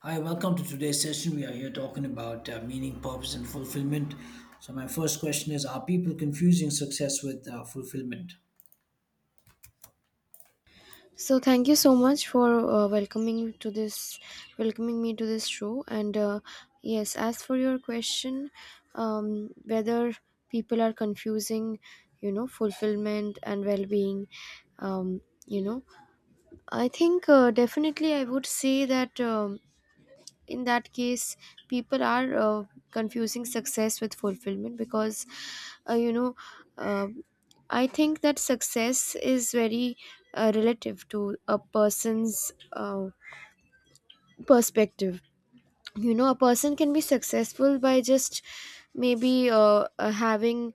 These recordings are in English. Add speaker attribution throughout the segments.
Speaker 1: Hi, welcome to today's session. We are here talking about meaning, purpose, and fulfillment. So, my first question is, are people confusing success with fulfillment?
Speaker 2: So thank you so much for welcoming to welcoming me to this show. And yes, as for your question, whether people are fulfillment and well-being, um, you know, I think definitely I would say that. In that case people are confusing success with fulfillment because uh, you know um I think that success is very relative to a person's uh, perspective. You know, a person can be successful by just maybe having,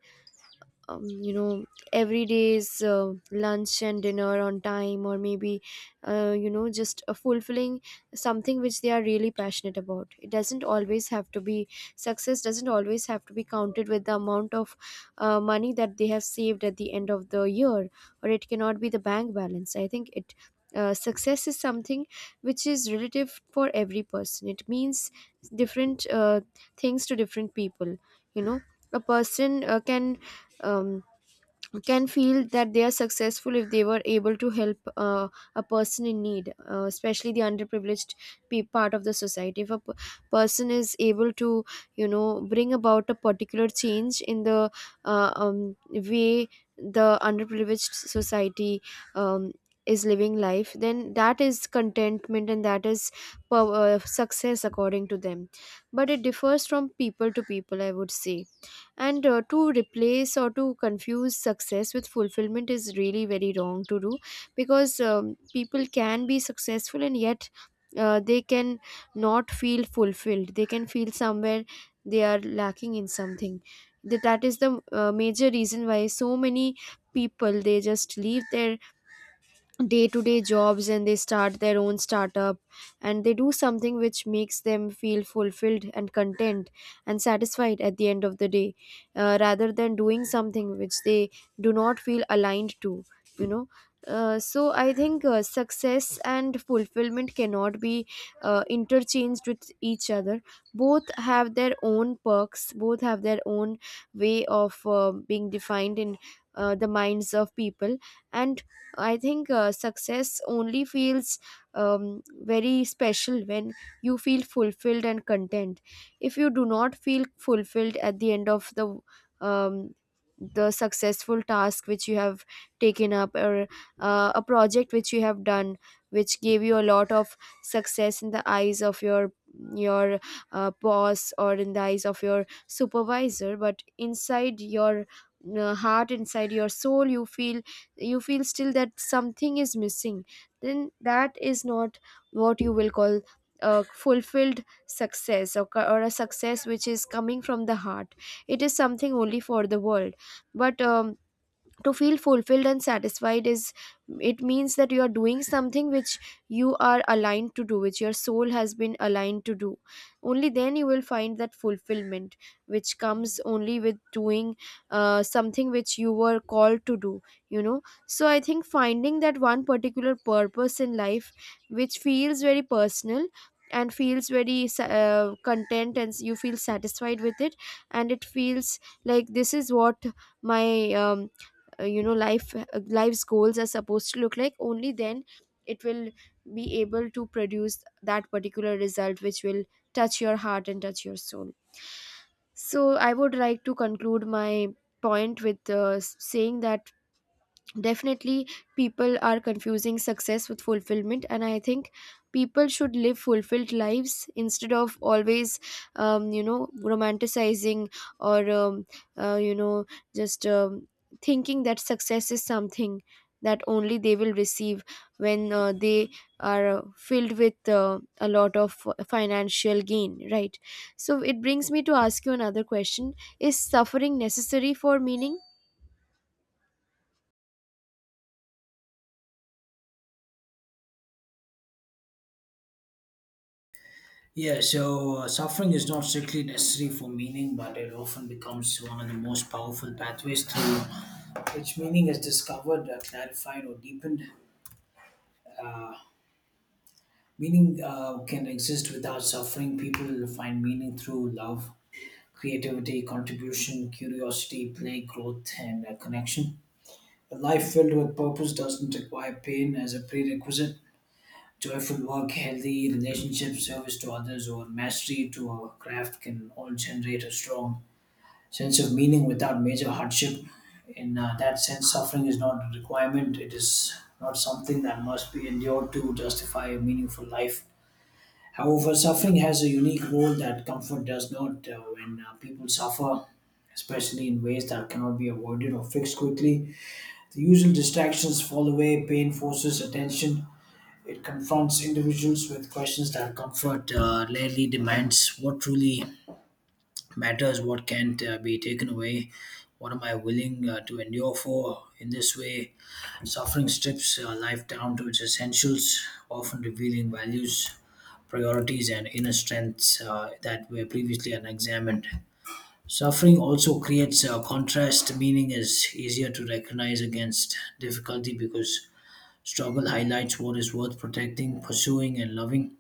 Speaker 2: um, you know every day's lunch and dinner on time, or maybe just fulfilling something which they are really passionate about. It doesn't always have to be, success doesn't always have to be counted with the amount of money that they have saved at the end of the year, or it cannot be the bank balance. I think it success is something which is relative for every person. It means different things to different people. You know, a person can, um, can feel that they are successful if they were able to help a person in need, especially the underprivileged part of the society. If a person is able to, you know, bring about a particular change in the way the underprivileged society um, is living life, then that is contentment, and that is success according to them. But it differs from people to people, I would say, and to replace or to confuse success with fulfillment is really very wrong to do, because people can be successful and yet they can not feel fulfilled. They can feel somewhere they are lacking in something. That is the major reason why so many people, they just leave their day to day jobs and they start their own startup, and they do something which makes them feel fulfilled and content and satisfied at the end of the day, rather than doing something which they do not feel aligned to, you know. So I think success and fulfillment cannot be interchanged with each other. Both have their own perks, both have their own way of being defined in the minds of people. And I think success only feels very special when you feel fulfilled and content. If you do not feel fulfilled at the end of the, um, the successful task which you have taken up, or a project which you have done, which gave you a lot of success in the eyes of your boss or in the eyes of your supervisor, but inside your heart, inside your soul, you feel, you feel still that something is missing, then that is not what you will call a fulfilled success, or a success which is coming from the heart. It is something only for the world. But to feel fulfilled and satisfied is, it means that you are doing something which you are aligned to do, which your soul has been aligned to do. Only then you will find that fulfillment, which comes only with doing something which you were called to do you know so I think finding that one particular purpose in life, which feels very personal and feels very content, and you feel satisfied with it, and it feels like this is what my, um, life life's goals are supposed to look like, only then it will be able to produce that particular result which will touch your heart and touch your soul. So I would like to conclude my point with saying that definitely people are confusing success with fulfillment, and I think people should live fulfilled lives instead of always romanticizing, or uh, you know just thinking that success is something that only they will receive when they are filled with a lot of financial gain, right? So it brings me to ask you another question: is suffering necessary for meaning?
Speaker 1: Yeah, so suffering is not strictly necessary for meaning, but it often becomes one of the most powerful pathways through which meaning is discovered, clarified, or deepened. Meaning can exist without suffering. People find meaning through love, creativity, contribution, curiosity, play, growth, and connection. A life filled with purpose doesn't require pain as a prerequisite. Joyful work, healthy relationships, service to others, or mastery to our craft can all generate a strong sense of meaning without major hardship. In that sense, suffering is not a requirement, it is not something that must be endured to justify a meaningful life. However, suffering has a unique role that comfort does not. When people suffer, especially in ways that cannot be avoided or fixed quickly, the usual distractions fall away, pain forces attention, it confronts individuals with questions that comfort rarely demands. What truly matters, what can't be taken away, what am I willing to endure for? In this way, suffering strips life down to its essentials, often revealing values, priorities, and inner strengths that were previously unexamined. Suffering also creates a contrast, meaning is easier to recognize against difficulty because struggle highlights what is worth protecting, pursuing, and loving.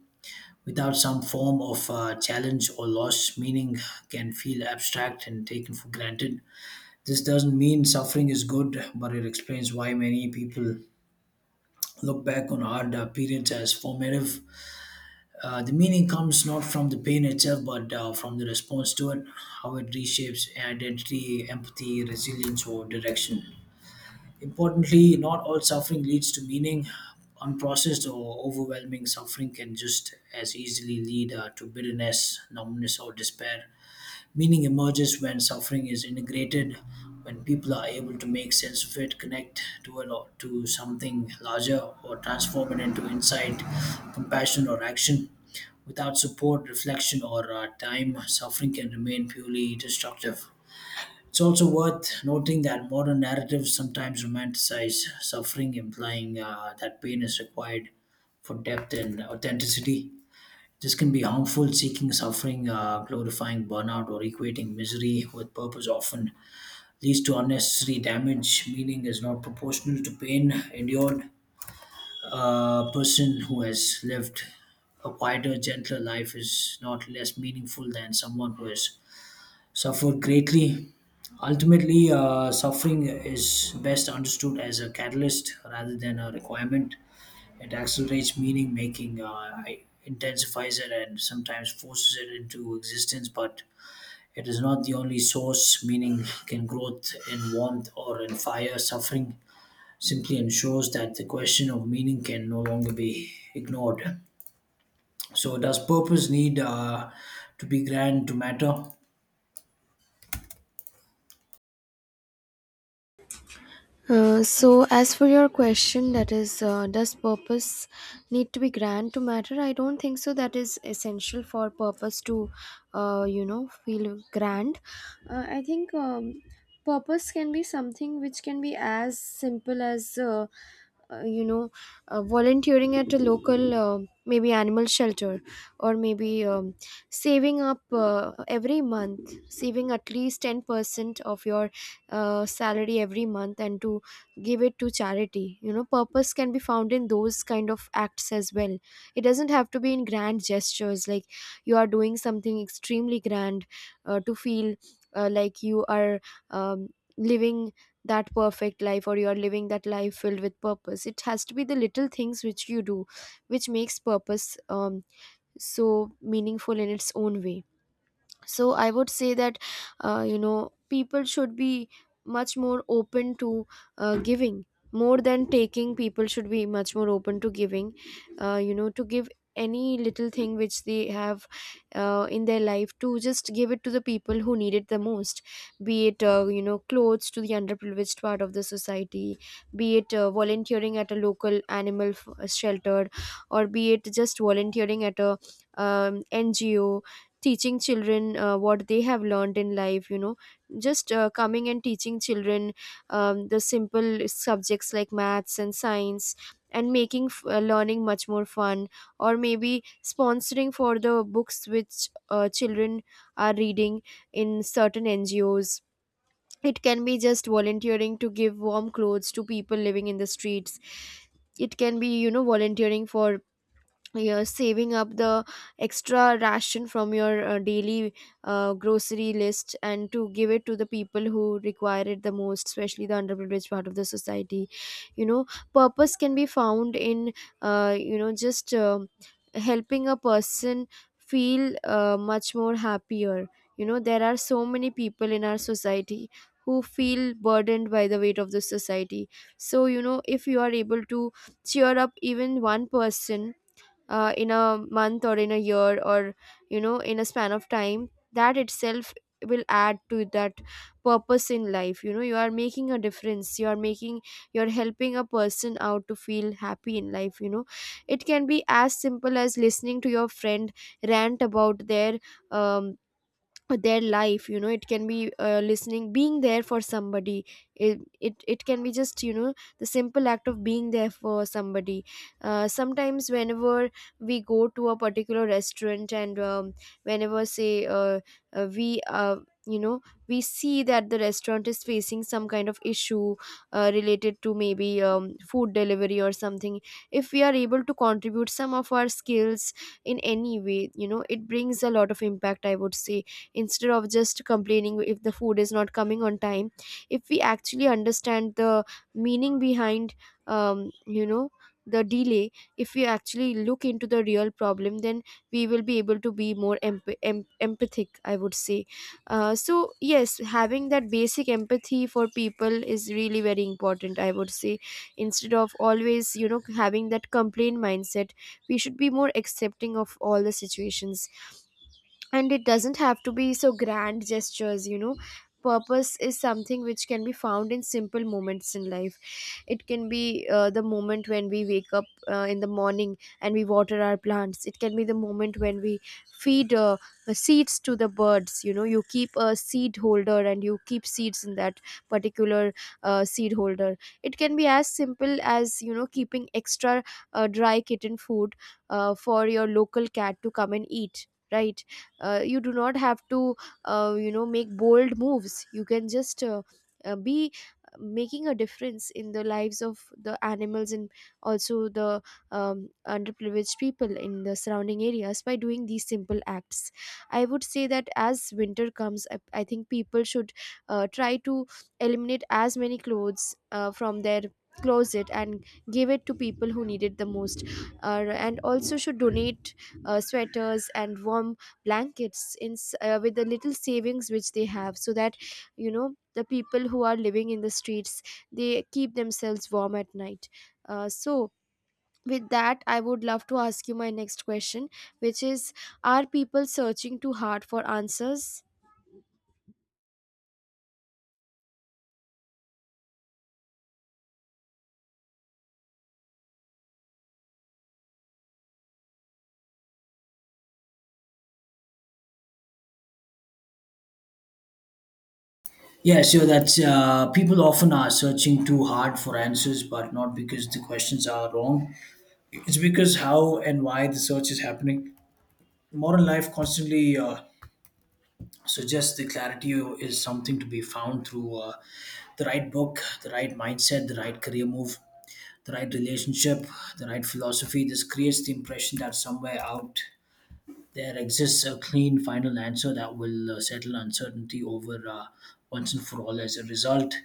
Speaker 1: Without some form of challenge or loss, meaning can feel abstract and taken for granted. This doesn't mean suffering is good, but it explains why many people look back on hard periods as formative. The meaning comes not from the pain itself, but from the response to it, how it reshapes identity, empathy, resilience, or direction. Importantly, not all suffering leads to meaning. Unprocessed or overwhelming suffering can just as easily lead to bitterness, numbness, or despair. Meaning emerges when suffering is integrated, when people are able to make sense of it, connect to it or to something larger, or transform it into insight, compassion, or action. Without support, reflection, or time, suffering can remain purely destructive. It's also worth noting that modern narratives sometimes romanticize suffering, implying that pain is required for depth and authenticity. This can be harmful, seeking suffering, glorifying burnout, or equating misery with purpose often leads to unnecessary damage. Meaning is not proportional to pain endured. A person who has lived a quieter, gentler life is not less meaningful than someone who has suffered greatly. Ultimately, suffering is best understood as a catalyst rather than a requirement. It accelerates meaning making, intensifies it, and sometimes forces it into existence, but it is not the only source. Meaning can growth in warmth or in fire. Suffering simply ensures that the question of meaning can no longer be ignored. So, does purpose need to be grand to matter?
Speaker 2: So as for your question, that is, does purpose need to be grand to matter? I don't think so, that is essential for purpose to, uh, you know feel grand. I think purpose can be something which can be as simple as uh, you know volunteering at a local, maybe animal shelter, or maybe saving up every month, saving at least 10% of your salary every month, and to give it to charity. You know, purpose can be found in those kind of acts as well. It doesn't have to be in grand gestures, like you are doing something extremely grand to feel like you are um, living that perfect life, or you are living that life filled with purpose. It has to be the little things which you do which makes purpose so meaningful in its own way. So I would say that people should be much more open to giving more than taking. People should be much more open to giving, to give any little thing which they have in their life, to just give it to the people who need it the most, be it clothes to the underprivileged part of the society, be it volunteering at a local animal shelter, or be it just volunteering at a, um, NGO, teaching children what they have learned in life. You know, just coming and teaching children the simple subjects like maths and science and making learning much more fun, or maybe sponsoring for the books which children are reading in certain NGOs. It can be just volunteering to give warm clothes to people living in the streets. It can be, you know, volunteering for, you're saving up the extra ration from your daily grocery list, and to give it to the people who require it the most, especially the underprivileged part of the society. You know, purpose can be found in you know just helping a person feel much more happier. You know, there are so many people in our society who feel burdened by the weight of the society. So you know, if you are able to cheer up even one person in a month, or in a year, or you know, in a span of time, that itself will add to that purpose in life. You know, you are making a difference, you are making, you're helping a person out to feel happy in life. You know, it can be as simple as listening to your friend rant about their, um, their life. You know, it can be listening, being there for somebody. It can be just, you know, the simple act of being there for somebody. Sometimes whenever we go to a particular restaurant and, whenever say we you know we see that the restaurant is facing some kind of issue related to maybe food delivery or something, if we are able to contribute some of our skills in any way, you know, it brings a lot of impact, I would say. Instead of just complaining if the food is not coming on time, if we actually understand the meaning behind um, you know the delay, if we actually look into the real problem, then we will be able to be more empathic, I would say. So yes, having that basic empathy for people is really very important, I would say, instead of always, you know, having that complaint mindset. We should be more accepting of all the situations, and it doesn't have to be so grand gestures. You know, purpose is something which can be found in simple moments in life. It can be the moment when we wake up in the morning and we water our plants. It can be the moment when we feed the seeds to the birds. You know, you keep a seed holder and you keep seeds in that particular seed holder. It can be as simple as, you know, keeping extra dry kitten food for your local cat to come and eat, right? You do not have to, make bold moves. You can just be making a difference in the lives of the animals, and also the underprivileged people in the surrounding areas, by doing these simple acts. I would say that as winter comes, I think people should try to eliminate as many clothes from their closet and give it to people who need it the most, and also should donate sweaters and warm blankets with the little savings which they have, so that you know, the people who are living in the streets, they keep themselves warm at night. So with that, I would love to ask you my next question, which is, are people searching too hard for answers?
Speaker 1: Yeah, so that's people often are searching too hard for answers, but not because the questions are wrong. It's because how and why the search is happening. Modern life constantly suggests the clarity is something to be found through the right book, the right mindset, the right career move, the right relationship, the right philosophy. This creates the impression that somewhere out there exists a clean final answer that will settle uncertainty over once and for all. As a result,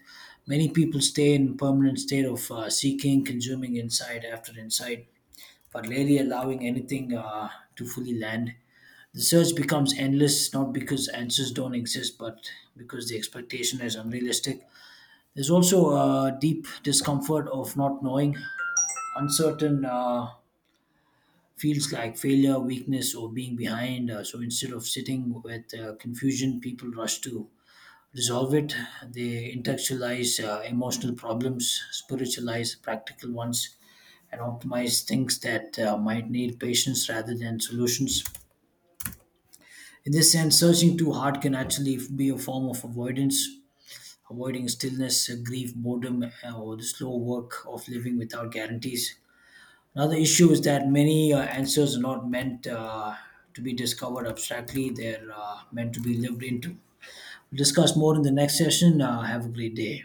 Speaker 1: many people stay in permanent state of seeking, consuming insight after insight, but rarely allowing anything to fully land. The search becomes endless, not because answers don't exist, but because the expectation is unrealistic. There's also a deep discomfort of not knowing, uncertain. Feels like failure, weakness, or being behind. So instead of sitting with confusion, people rush to resolve it. They intellectualize emotional problems, spiritualize practical ones, and optimize things that might need patience rather than solutions. In this sense, searching too hard can actually be a form of avoidance. Avoiding stillness, grief, boredom, or the slow work of living without guarantees. Another issue is that many answers are not meant to be discovered abstractly, they're meant to be lived into. We'll discuss more in the next session. Have a great day.